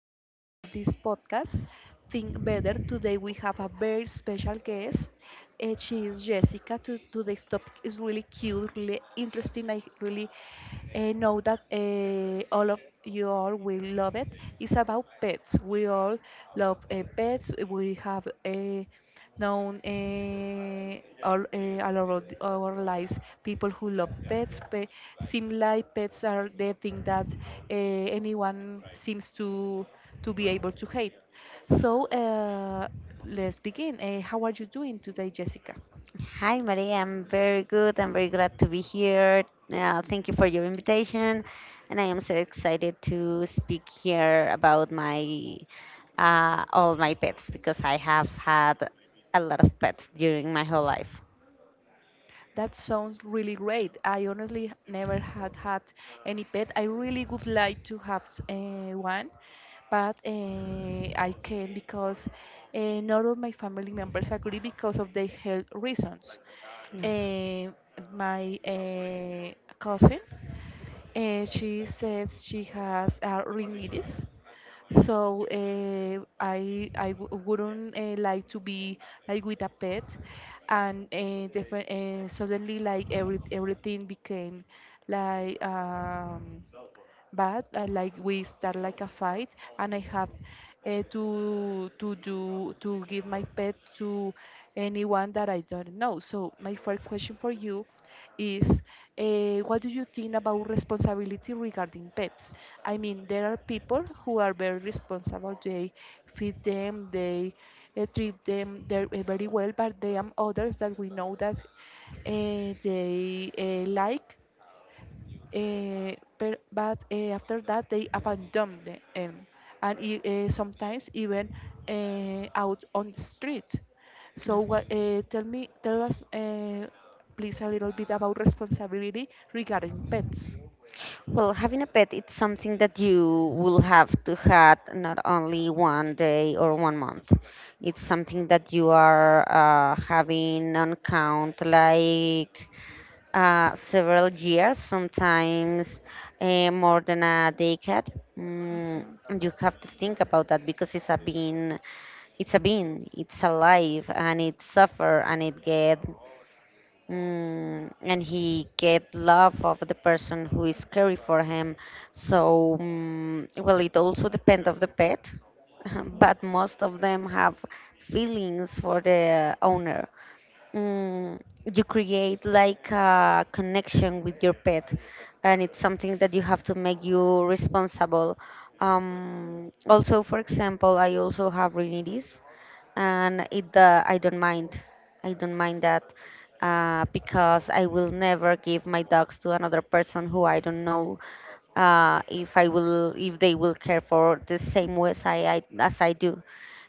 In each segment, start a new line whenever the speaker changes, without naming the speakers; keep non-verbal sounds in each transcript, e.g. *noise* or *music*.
chapter of this podcast, Think Better. Today we have a very special guest. She is Jessica. Today's topic is really cute, really interesting. I really know that all of you all will love it. It's about pets. We all love pets. We have a known all our lives. People who love pets seem like pets are the thing that anyone seems to be able to hate. So let's begin. How are you doing today, Jessica?
Hi, Maria. I'm very good. I'm very glad to be here. Thank you for your invitation. And I am so excited to speak here about my all my pets because I have had a lot of pets during my whole life.
That sounds really great. I honestly never had any pet. I really would like to have one, but I can't because none of my family members agree because of their health reasons.
Yeah.
Uh, my cousin, she says she has rhinitis. So I wouldn't like to be like with a pet, and different, suddenly, like everything became like, but like, we start like a fight, and I have to give my pet to anyone that I don't know. So my first question for you is, what do you think about responsibility regarding pets? I mean, there are people who are very responsible. They feed them, they treat them, they're, very well. But there are others that we know that they, like, uh, but after that they abandon them, and sometimes even out on the street. So what tell me, tell us, please, a little bit about responsibility regarding pets.
Well, having a pet, it's something that you will have to have not only one day or one month. It's something that you are having on count like several years, sometimes more than a decade. Mm,
Mhm,
you have to think about that because it's a bean, it's alive, and it suffer, and it get, and he get love of the person who is caring for him. So, well, it also depends of the pet, *laughs*
mhm.
but most of them have feelings for the owner. Mm, you create like a connection with your pet, and it's something that you have to make you responsible. Also, for example, I also have rhinitis, and it I don't mind I don't mind that because I will never give my dogs to another person who I don't know, if they will care for the same way as I do.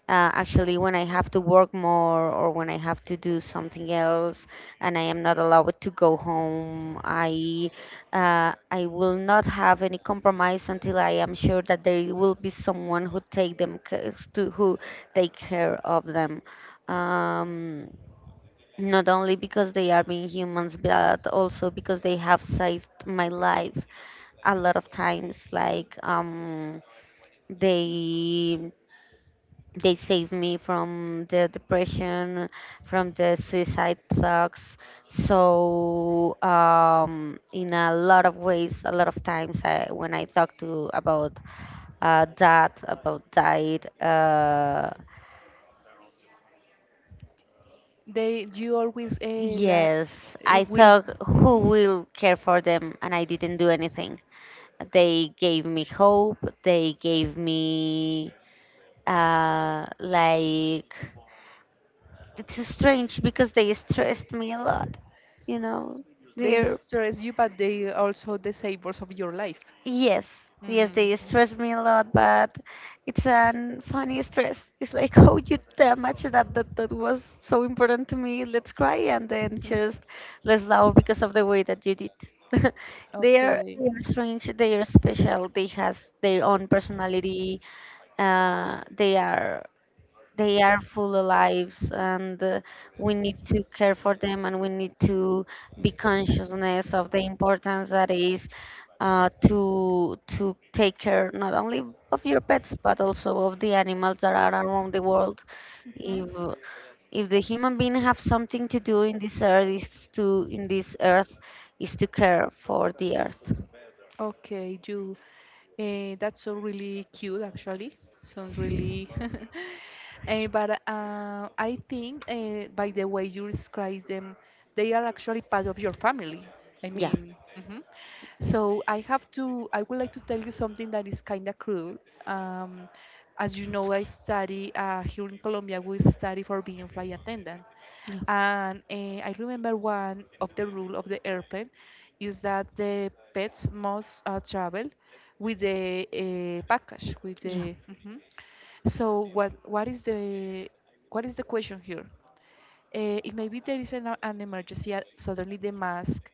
Actually, when I have to work more or when I have to do something else and I am not allowed to go home, I will not have any compromise until I am sure that there will be someone who take them to who take care of them. um, Not only because they are being humans, but also because they have saved my life a lot of times, they they saved me from the depression, from the suicide thoughts. So, in a lot of ways, a lot of times, I, when I talk to about that, about diet,
they you always la,
yes, I
will.
thought who
Mhm.
will care for them, and I didn't do anything. They gave me hope. They gave me, like, it's strange because they stressed me a lot. You know,
They
they're
stress you, but they also the savors of your life.
yes, yes, they
Mhm.
stressed me a lot, but it's a funny stress. It's like, *laughs* oh, you damage that that was so important to me. Let's cry and then just let's
*laughs*
laugh because of the way that you did. *laughs*
Okay. Okay.
They are strange. They are special. They has their own personality. Uh, they are they are full of lives, and we need to care for them, and we need to be consciousness of the importance that is to take care not only of your pets but also of the animals that are around the world.
Mhm.
If if the human being have something to do in this earth is to in this earth is to care for the earth.
Okay, you. That's so really cute, actually. Sounds really. *laughs* But I think, by the way you describe them, they are actually part of your family. I
Yeah.
mean, mhm.
Yeah.
So I have to. I would like to tell you something that is kind of cruel. Um, as you know, I study here in Colombia. We study for being flight attendant.
Yeah.
And I remember one of the rule of the airplane is that the pets must travel with the package, with
Yeah.
the. Mhm. So what is the question here? If maybe there is an emergency, suddenly the mask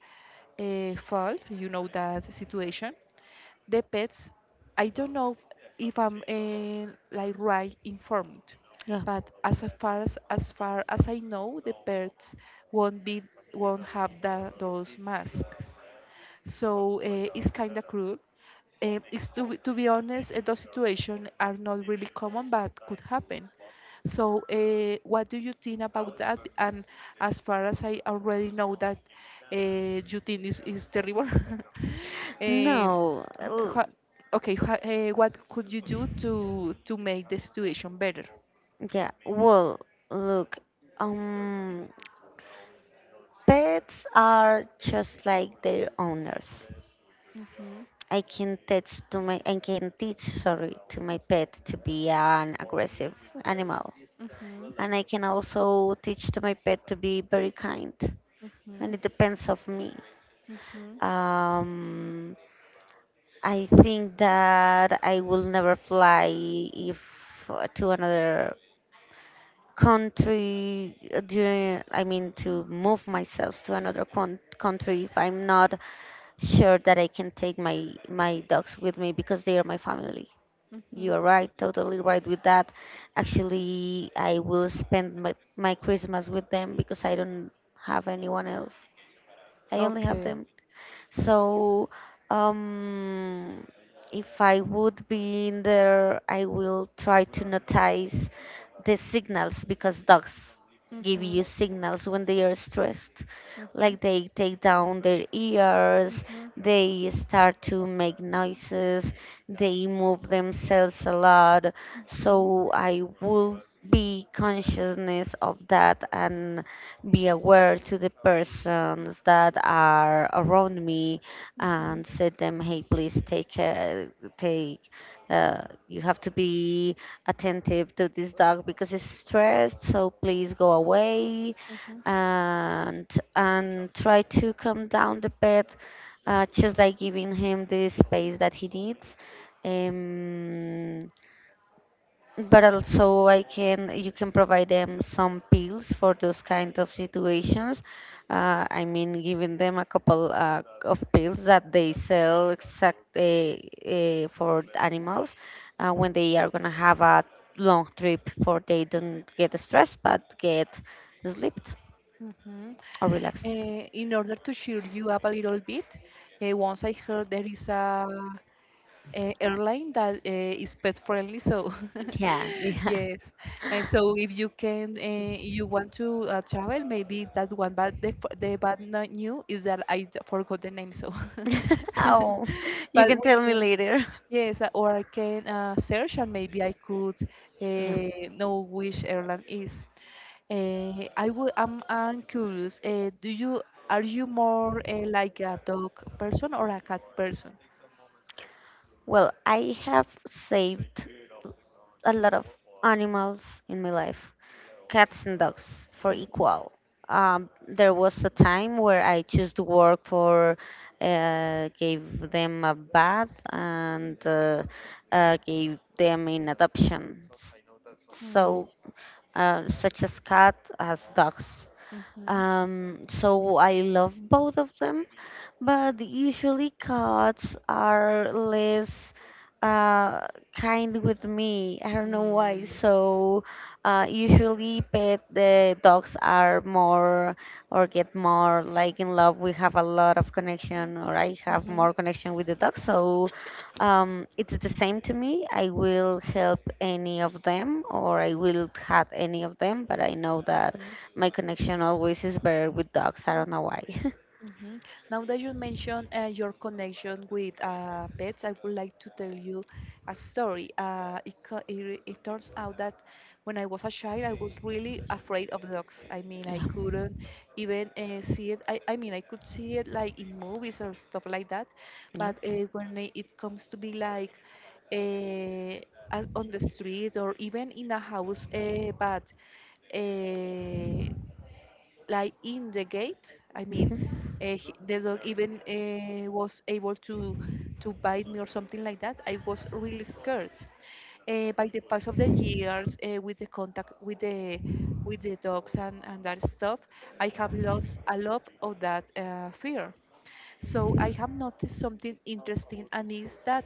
fall, you know that situation, the pets, I don't know if I'm like right informed,
Yeah.
but as a far as far as I know, the pets won't be, won't have those masks. So it's kind of cruel. To be honest, those situations are not really common, but could happen. So, what do you think about that? And as far as I already know that, uh, you think is terrible, *laughs* eh,
No.
okay, what could you do to make the situation better?
Yeah, well, look, um, pets are just like their owners.
Mhm,
I can teach, sorry, to my pet to be an aggressive animal.
mhm,
And I can also teach to my pet to be very kind.
mhm,
And it depends of me.
mhm,
Um, I think that I will never fly if to another country during, I mean, to move myself to another country if I'm not sure that I can take my dogs with me because they are my family.
mhm.
You're right, totally right with that. Actually, I will spend my Christmas with them because I don't have anyone else. I only have
Okay.
them. So, um, if I would be in there, I will try to notice the signals because dogs give
Mhm,
you signals when they are stressed.
mhm,
Like they take down their ears,
mhm,
they start to make noises, they move themselves a lot.
Mhm,
So I will be consciousness of that and be aware to the persons that are around me,
mhm,
and say them, hey, please take. Uh, you have to be attentive to this dog because it's stressed. So please go away,
mhm,
and and try to calm down the pet, just like giving him the space that he needs. Um, but also, I can you can provide them some pills for those kind of situations. I mean, giving them a couple of pills that they sell exact, for animals, when they are gonna have a long trip, for they don't get stressed but get sleeped
mhm.
or relaxed.
In order to cheer you up a little bit, once I heard there is a airline that is pet friendly, so
Yeah, *laughs*
*laughs*
yeah.
yes. And so, if you can, you want to travel, maybe that one. But the bad new is that I forgot the name, so
*laughs*
*laughs*
Oh, you
but
can
we
tell me
can.
later.
Yes, or I can search and maybe I could
Yeah.
know which airline is. I'm curious. Do you are you more like a dog person or a cat person?
Well, I have saved a lot of animals in my life, cats and dogs for equal. There was a time where I chose to work for, gave them a bath, and gave them in adoption.
Mm-hmm.
So, such as cat as dogs. So I love both of them, but usually cats are less uh, kind with me. I don't know why. So, usually pet the dogs are more or get more like in love. We have a lot of connection, or I have
Mm-hmm.
more connection with the dog. So, it's the same to me. I will help any of them, or I will have any of them. But I know that
Hmm.
my connection always is better with dogs. I don't know why. *laughs*
Hmm. Now that you mentioned your connection with pets, I would like to tell you a story. It turns out that when I was a child, I was really afraid of dogs. I mean, I
Yeah.
couldn't even see it. I mean, I could see it like in movies or stuff like that,
Yeah.
but when it comes to be like, uh, out on the street or even in a house, but uh, like in the gate. I mean,
Hmm.
the dog even was able to bite me or something like that. I was really scared. By the pass of the years, with the contact with the, with the dogs and that stuff, I have lost a lot of that fear. So I have noticed something interesting, and is that,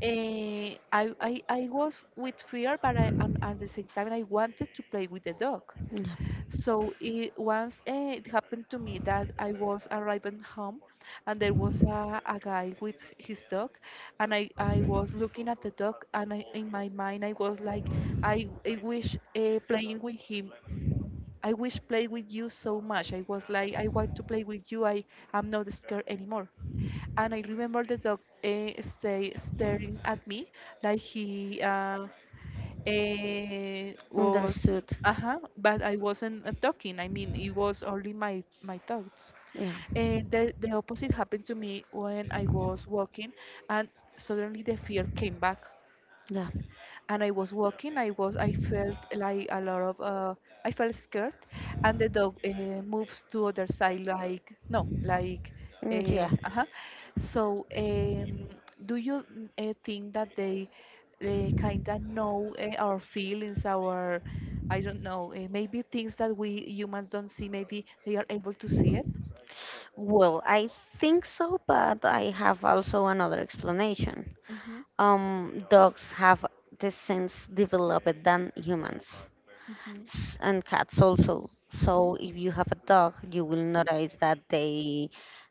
I was with fear, but and at the same time I wanted to play with the dog.
Yeah.
Once, it happened to me that I was arriving home, and there was a guy with his dog, and I was looking at the dog and I, in my mind, I was like, I wish, playing with him. I wish play with you so much. I was like, I want to play with you. I am not scared anymore. And I remember the dog stay staring at me like he was.
Understood.
Uh-huh. But I wasn't talking. I mean, it was only my thoughts.
Yeah.
And the opposite happened to me when I was walking, and suddenly the fear came back,
Yeah.
and I was walking. I felt like a lot of, I felt scared, and the dog moves to other side, like no, like
Mm,
uh,
yeah,
uh So, do you, think that they kind of know our feelings, our, I don't know, maybe things that we humans don't see. Maybe they are able to see it.
well, I think so, but I have also another explanation.
Mhm,
Dogs have the sense developed than humans,
mhm,
and cats also. So
mhm,
if you have a dog, you will notice that they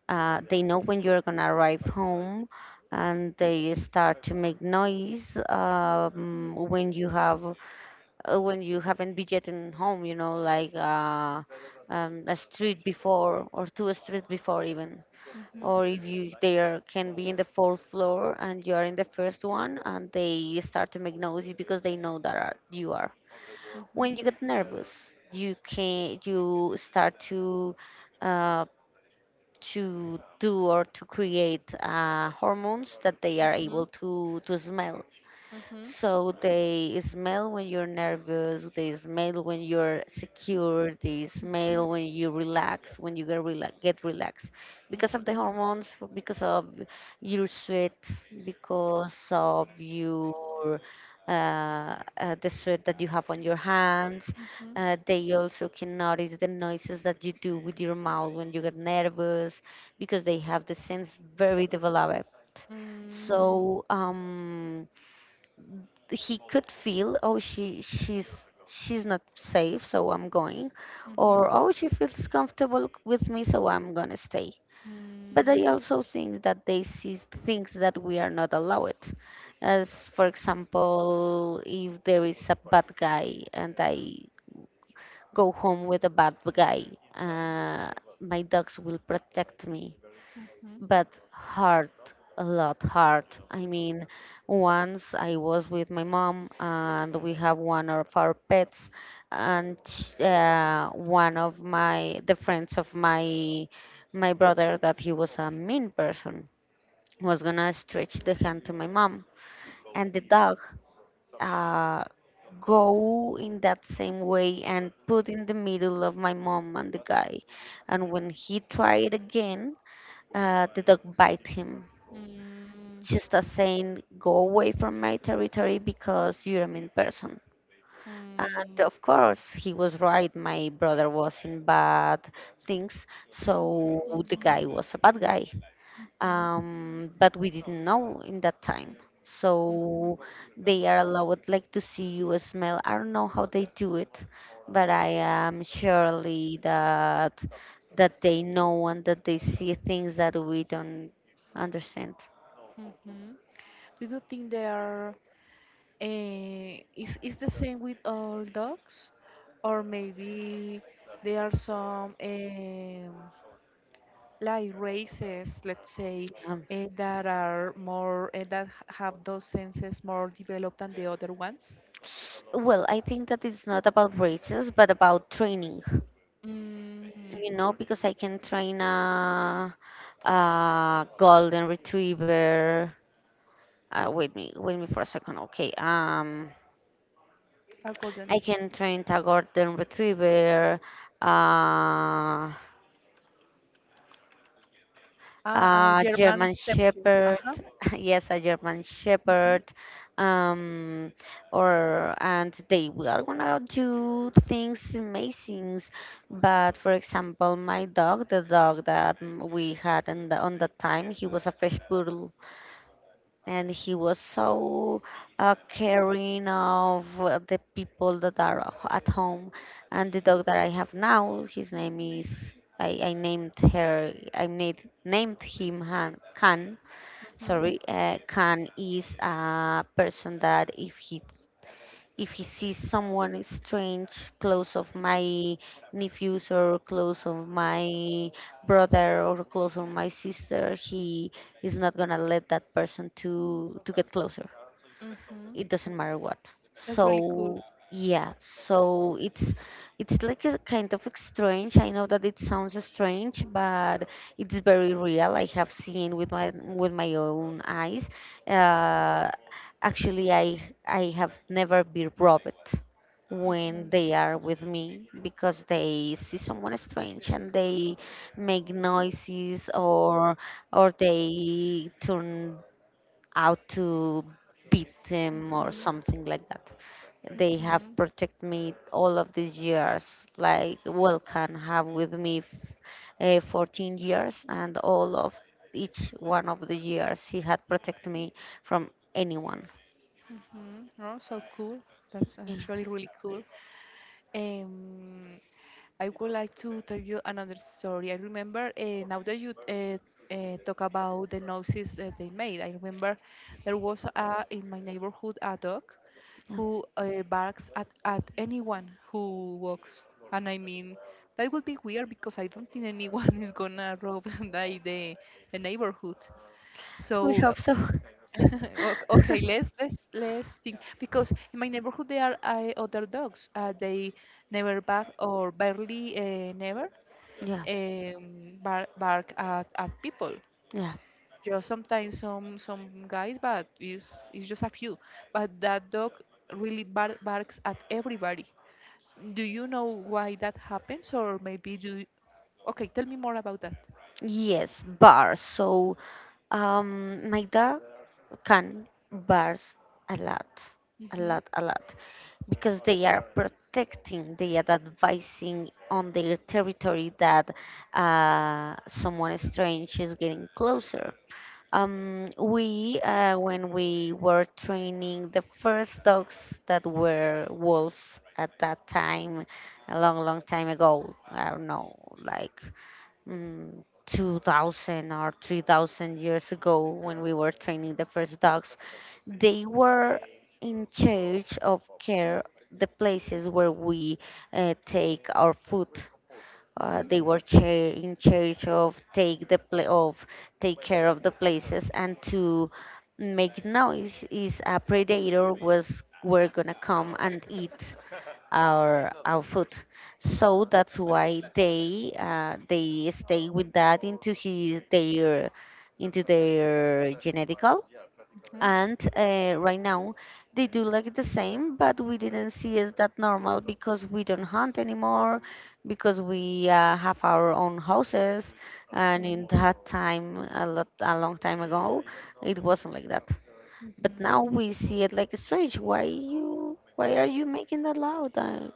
uh, they know when you're gonna arrive home, and they start to make noise um, when you have when you haven't been yet in home, like a street before or two streets before even. Or
mhm,
if you they are, can be in the fourth floor and you are in the first one, and they start to make noise because they know you are.
mhm, mhm,
When you get nervous, you start uh, to do or to create hormones that they are
mhm,
able to smell. So they smell when you're nervous, they smell when you're secure, they
mhm, mhm,
smell when you relax, when you get relaxed because of the hormones, because of your sweat, because of your the sweat that you have on your hands.
mhm, mhm,
They also can notice the noises that you do with your mouth when you get nervous because they have the sense very developed.
Mm,
So, he could feel, oh, she's not safe, so I'm going.
mhm,
Or, oh, she feels comfortable with me, so I'm going to stay.
mm,
But I
mhm,
also think that they see things that we are not allowed. As for example, if there is a bad guy and I go home with a bad guy, uh, my dogs will protect me.
mm,
But hard, a lot hard. I mean, once I was with my mom and we have one of our pets, and one of my the friends of my brother, that he was a mean person, was gonna stretch the hand to my mom, and the dog, uh, go in that same way and put in the middle of my mom and the guy. And when he tried again, the dog bite him,
mm,
just as saying, go away from my territory because you're a mean person. And of course, he was right. My brother was in bad things, so the guy was a bad guy.
mhm, mhm,
But we didn't know in that time.
mhm,
So they are allowed, like, to see you smell. I don't know how they do it, but I am surely that they know and that they see things that we don't understand.
mhm. Do you think they are, is the same with all dogs, or maybe there are some, like races, let's say,
Um,
that are more, have those senses more developed than the other ones?
Well, I think that it's not about races, but about training,
Mm,
you know, because I can train a golden retriever. Wait me wait me for a second. Okay.
according.
I can train a golden retriever. Uh,
Ah,
a
German
German
statue.
Shepherd,
Uh-huh.
*laughs* yes, a German
Mhm.
Shepherd, um, or and they we are gonna do things amazing. But for example, my dog, the dog that we had in the, on the time, he was a fresh poodle, and he was so caring of the people that are at home. And the dog that I have now, his name is I named her, named him khan.
Mhm.
Sorry, Khan is a person that if he sees someone strange close of my nephews or close of my brother or close of my sister, he is not gonna let that person to get closer.
Mhm.
It doesn't matter what.
That's really cool.
So yeah, so it's like a kind of strange, I know that it sounds strange, but it's very real. I have seen with my own eyes. Uh, actually i i have never been robbed when
Mhm.
they are with me, because they see someone strange and they make noises, or they turn how to beat them or
Mhm.
something like that. They have
Mhm.
protected me all of these years, like Vulcan have with me 14 years, and all of each one of the years he had protected me from anyone.
Mhm. Oh, so cool. That's
Yeah,
actually really cool. Um, I would like to tell you another story. I remember, now that you talk about the noises that they made, I remember there was in my neighborhood a dog
yeah.
who barks at anyone who walks. And I mean, that would be weird because I don't think anyone *laughs* is gonna rob *laughs* like the neighborhood.
We
So
hope so.
*laughs* Okay,
*laughs*
let's think, because in my neighborhood there are other dogs. They never bark or barely never,
Yeah,
bark at people.
yeah.
Just sometimes, some guys, but it's just a few. But that dog really barks at everybody. Do you know why that happens, or maybe you? Okay, tell me more about that.
Yes, bars. So my dog can bark a lot, a
Mhm.
lot, a lot, because they are protecting, they are advising on their territory that someone strange is getting closer. When we were training the first dogs that were wolves at that time, a long, long time ago, I don't know, like mm, 2000 or 3000 years ago, when we were training the first dogs, they were in charge of care the places where we take our food.
Mhm.
In charge of take the pla- of take care of the places, and to make noise is a predator was were gonna come and eat our food. So that's why they stay with that into his their into their genetical.
Mhm.
And right now they do like the same, but we didn't see as that normal because we don't hunt anymore, because we have our own houses. And
Mhm.
in that time a lot a long time ago it wasn't like that, but now
Mhm.
we see it like strange. Why you why are you making that loud? Uh,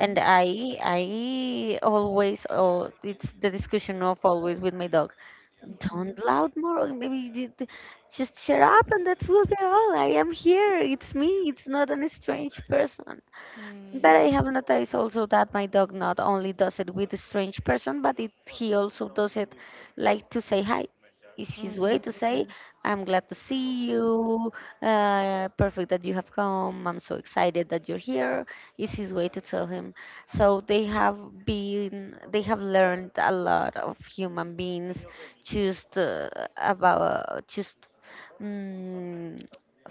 and i i always, oh, it's the discussion of always with my dog. Don't
Mhm.
loud more, maybe you just shut up and that will be all. I am here, it's me, it's not an strange person.
Mm,
But I
mm,
have noticed also that my dog not only does it with a strange person, but he also does it like to say hi. Is his way to say,
mhm,
I'm glad to see you, perfect that you have come, I'm so excited that you're here. Is his way to tell him. So they have been, they have learned a lot of human beings, just just mm,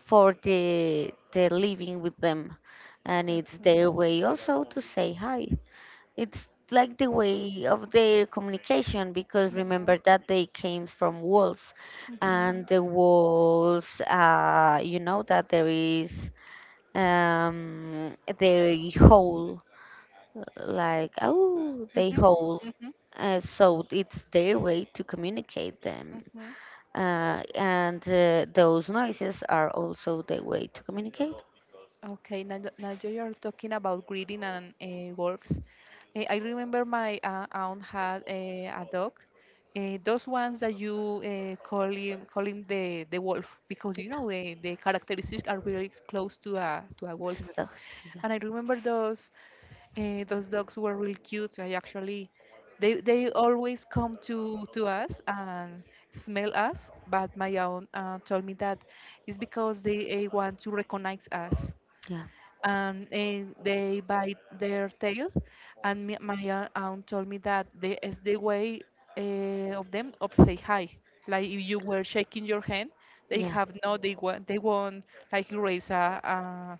for the living with them. And it's
mhm,
their way also to say hi. It's like the way of their communication, because
mhm,
remember that they came from wolves.
mhm,
And the wolves, you know that there is they howl, like oh they
mhm,
howl, so it's their way to communicate them.
mhm.
And Those noises are also their way to communicate.
Okay, now, now that you're talking about breeding and, wolves, I remember my aunt had a dog, those ones that you call him the wolf, because the characteristics are really close to a
It's
wolf.
the- Yeah,
And I remember those. Those dogs were really cute. I actually, they always come to us and smell us. But my aunt told me that it's because they want to recognize us,
yeah,
and they bite their tail. And me, my aunt told me that they is the way of them of say hi. Like if you were shaking your hand, they
yeah.
have no. They want they won't like raise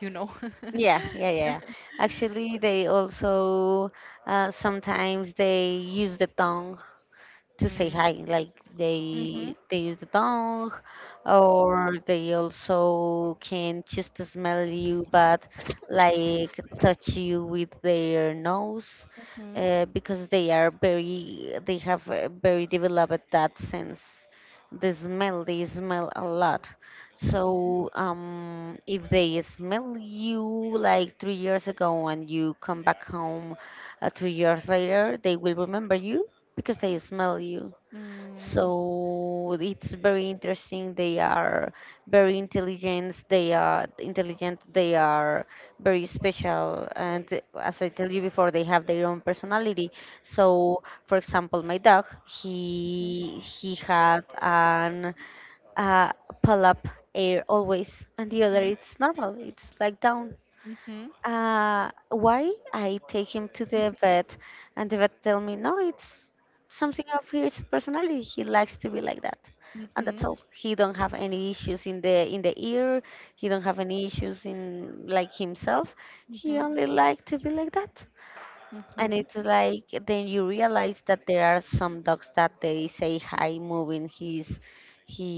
you know. *laughs*
Yeah, yeah, yeah. Actually, they also sometimes they use the tongue to say hi.
Mm-hmm.
Like
Mm-hmm.
they use the tongue, or they also can just smell you, but like touch you with their nose, because they are very they have a very developed that sense. They smell a lot.
Mhm.
So if they smell you like 3 years ago and you come back home 3 years later, they will remember you because they smell you.
Mm.
So it's very interesting. They are very intelligent. They are intelligent. They are very special. And as I tell you before, they have their own personality. So, for example, my dog,
Mhm.
he had an uh, pull up air always, and the other it's normal. It's like down.
Mhm. Mhm,
Why I take him to the vet, and the vet tell me, no, it's something of his personality. He likes to be like that, and that's
mhm,
all. He don't have any issues in the ear. He don't have any issues in like himself. He
mhm,
only like to be like that. And
mhm.
it's like then you realize that there are some dogs that they say hi moving his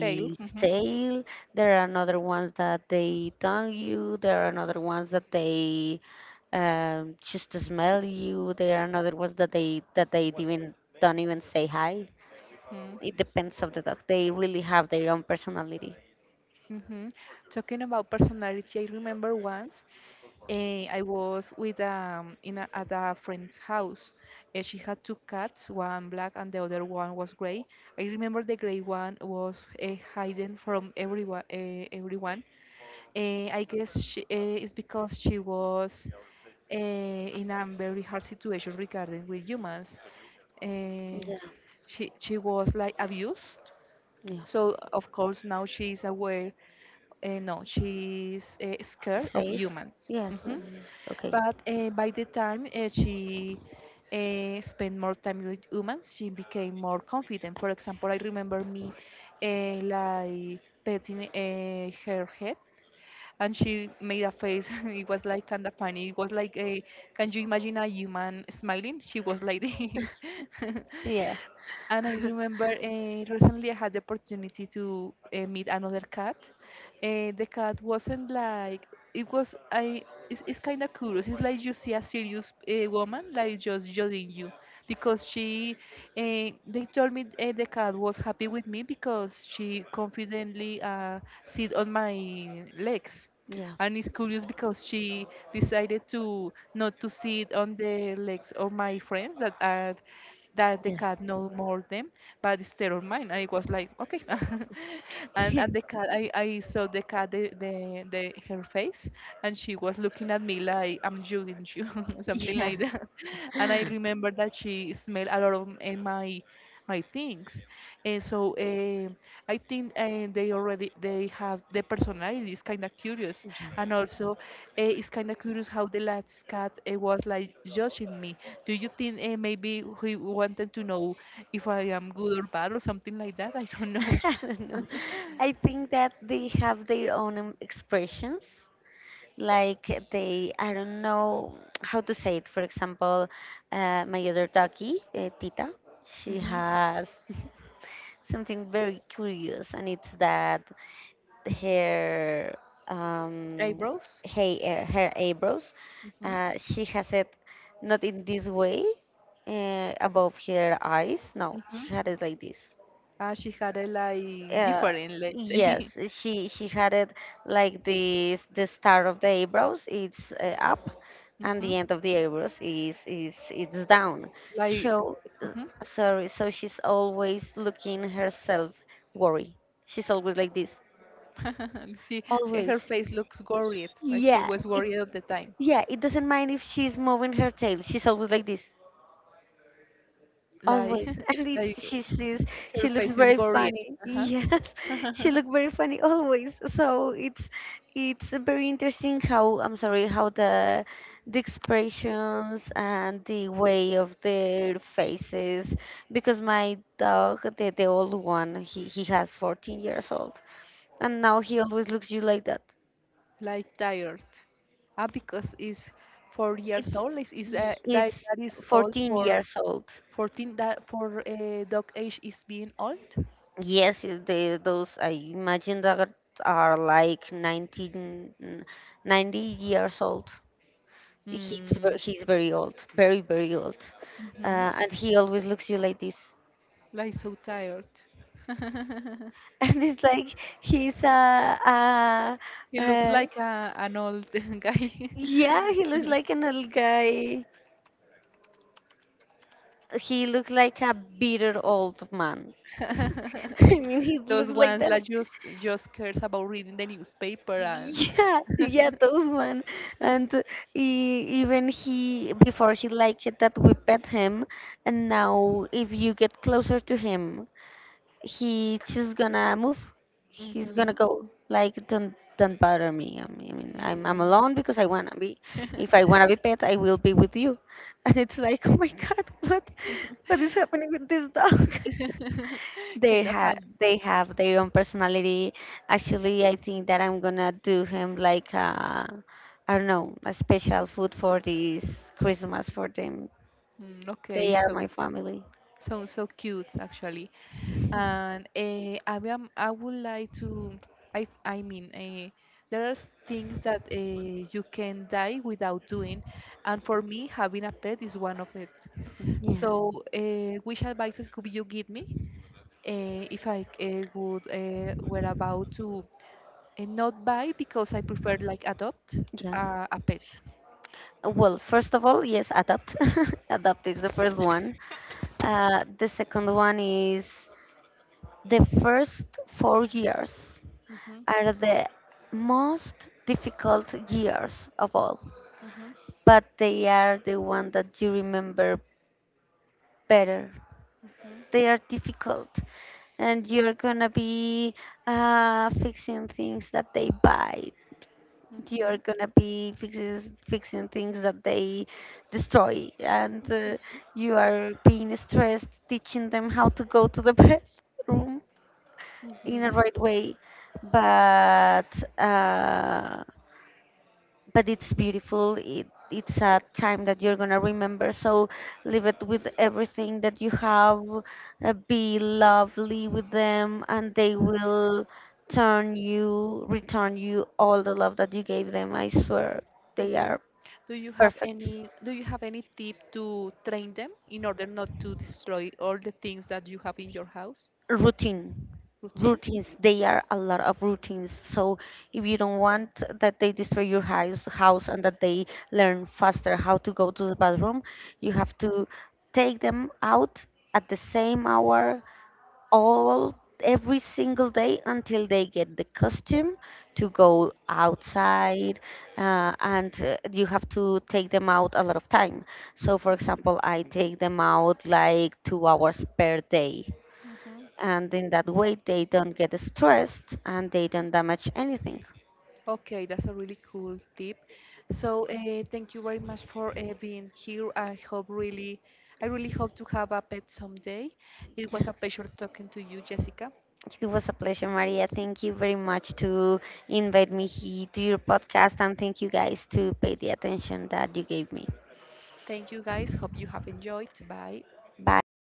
Tail. Mhm,
tail. There are another ones that they tongue you. There are another ones that they just smell you. There are another ones that they even don't even say hi.
mhm,
It depends of the dog. They really have their own personality.
mhm. Talking about personality, I remember once, I was with, at a friend's house. She had two cats, one black and the other one was gray. I remember the gray one was, hidden from everyone. Everyone. I guess she, it's because she was, in a very hard situation regarding with humans. Eh,
Yeah.
she she was like abused,
Yeah.
so of course now she's aware. No, she's, scared of
Safe.
humans.
Yes, yes.
Mhm.
Okay.
But by the time, she spent more time with humans, she became more confident. For example, I remember me, like petting, her head, and she made a face. *laughs* It was like kind of funny. It was like can you imagine a human smiling? She was like this. *laughs*
Yeah.
And I remember, recently I had the opportunity to, meet another cat. The cat wasn't like it was. I it's kind of curious. It's like you see a serious, woman, like just judging you, because she. They told me, the cat was happy with me because she confidently, sit on my legs,
*laughs* Yeah.
and it's curious because she decided to not to sit on the legs of my friends that the cat no more them, but it's state mine. And it was like, okay. *laughs* and
Yeah.
and the
*laughs*
cat, I saw the cat, the her face, and she was looking at me like, I'm judging you, *laughs* something
Yeah.
like that. And I remember that she smelled a lot of, my things. And so, I think, they have the personality is kind of curious,
Yeah.
and also, it's kind of curious how the last cat, was like judging me. Do you think, maybe he wanted to know if I am good or bad or something like that? I don't know.
*laughs* I don't know. I think that they have their own expressions. Like they, I don't know how to say it. For example, my other doggy, Tita, she
Hmm.
has *laughs* something very curious, and it's that her, um,
Eyebrows.
hey, her eyebrows,
Hmm.
she has it not in this way, above her eyes. No,
Hmm.
she had it like this.
She had a like
Uh,
different, let's say.
yes, she had it like this. The start of the eyebrows it's up,
*laughs*
and
Hmm.
the end of the eyebrows is it's down.
Like.
So
Hmm.
sorry. So she's always looking herself worry. She's always like this.
*laughs* She
Always.
her face looks worried, like she
Yeah.
was worried all the time,
Yeah. It doesn't mind if she's moving her tail. She's always like this.
like,
Always. And
*laughs*
it,
like.
she sees,
Her
she looks
face is
very
gory.
funny. Yes,
Uh-huh.
*laughs*
*laughs*
she looks very funny always. So it's very interesting how, I'm sorry, how the expressions and the way of their faces, because my dog the old one, he has 14 years old, and now he always looks you like that.
like tired. Ah, because it's 4 years
It's
old. Is,
y- it's
that is old
14
for
years old.
14? That for, dog age, is being old.
Yes, yes, they, those I imagine that are like 19, 90 years old. He's
Mm.
very old, very old,
Hmm.
uh, and he always looks you like this.
Like so tired. *laughs*
*laughs* And it's like he's a,
he
uh
looks
uh,
like an old *laughs* guy. *laughs*
yeah, he looks like an old guy. He looks like a bitter old man. *laughs* I mean, he
Those
looks like
ones like
that.
just cares about reading the newspaper and.
Yeah, *laughs* yeah,
*laughs*
those one. And e even he, before he liked it that we pet him, and now if you get closer to him, he just gonna move. He's gonna
Hmm.
go like, don't bother me. I mean, I'm alone because I wanna be. If I wanna be pet, I will be with you. *laughs* And it's like, *laughs* oh my God, what is happening with this dog? *laughs*
*laughs*
They
kind of
have
funny.
they have their own personality. Actually, I think that I'm gonna do him like I I don't know, a special food for this Christmas for them.
Mm, okay,
They are
so
my family.
sounds so cute, actually. And I would like to. I mean, there are things that, you can die without doing, and for me, having a pet is one of it.
Yeah,
So, which advices could you give me, if I would were about to, not buy because I prefer like adopt,
yeah.
a pet?
Well, first of all, yes, adopt. *laughs* Adopt is the first one. The second one is the first 4 years
Hmm.
are the most difficult years of all,
Mhm,
but they are the one that you remember better.
mhm,
They are difficult, and you're gonna be fixing things that they bite. You're
mhm,
gonna be fixing things that they destroy, and you are being stressed teaching them how to go to the *laughs* bathroom in a
mhm,
right way. But uh, but it's beautiful. It's a time that you're gonna remember. So live it with everything that you have. Be lovely with them, and they will return you all the love that you gave them. I swear, they
mhm.
are perfect.
Do you have any tip to train them in order not to destroy all the things that you have in your house
Routine,
routine?
routines, they are a lot of routines. So if you don't want that they destroy your house and that they learn faster how to go to the bathroom, you have to take them out at the same hour all every single day until they get the costume to go outside. And You have to take them out a lot of time. So for example, I take them out like 2 hours per day,
Hmm.
and in that way they don't get stressed and they don't damage anything.
Okay, that's a really cool tip. So, thank you very much for being here. I really hope to have a pet someday. It
Yeah,
was a pleasure talking to you, Jessica.
it was a pleasure, Maria. Thank you very much to invite me here to your podcast, and thank you guys to pay the attention that you gave me.
Thank you guys. Hope you have enjoyed. Bye.
Bye.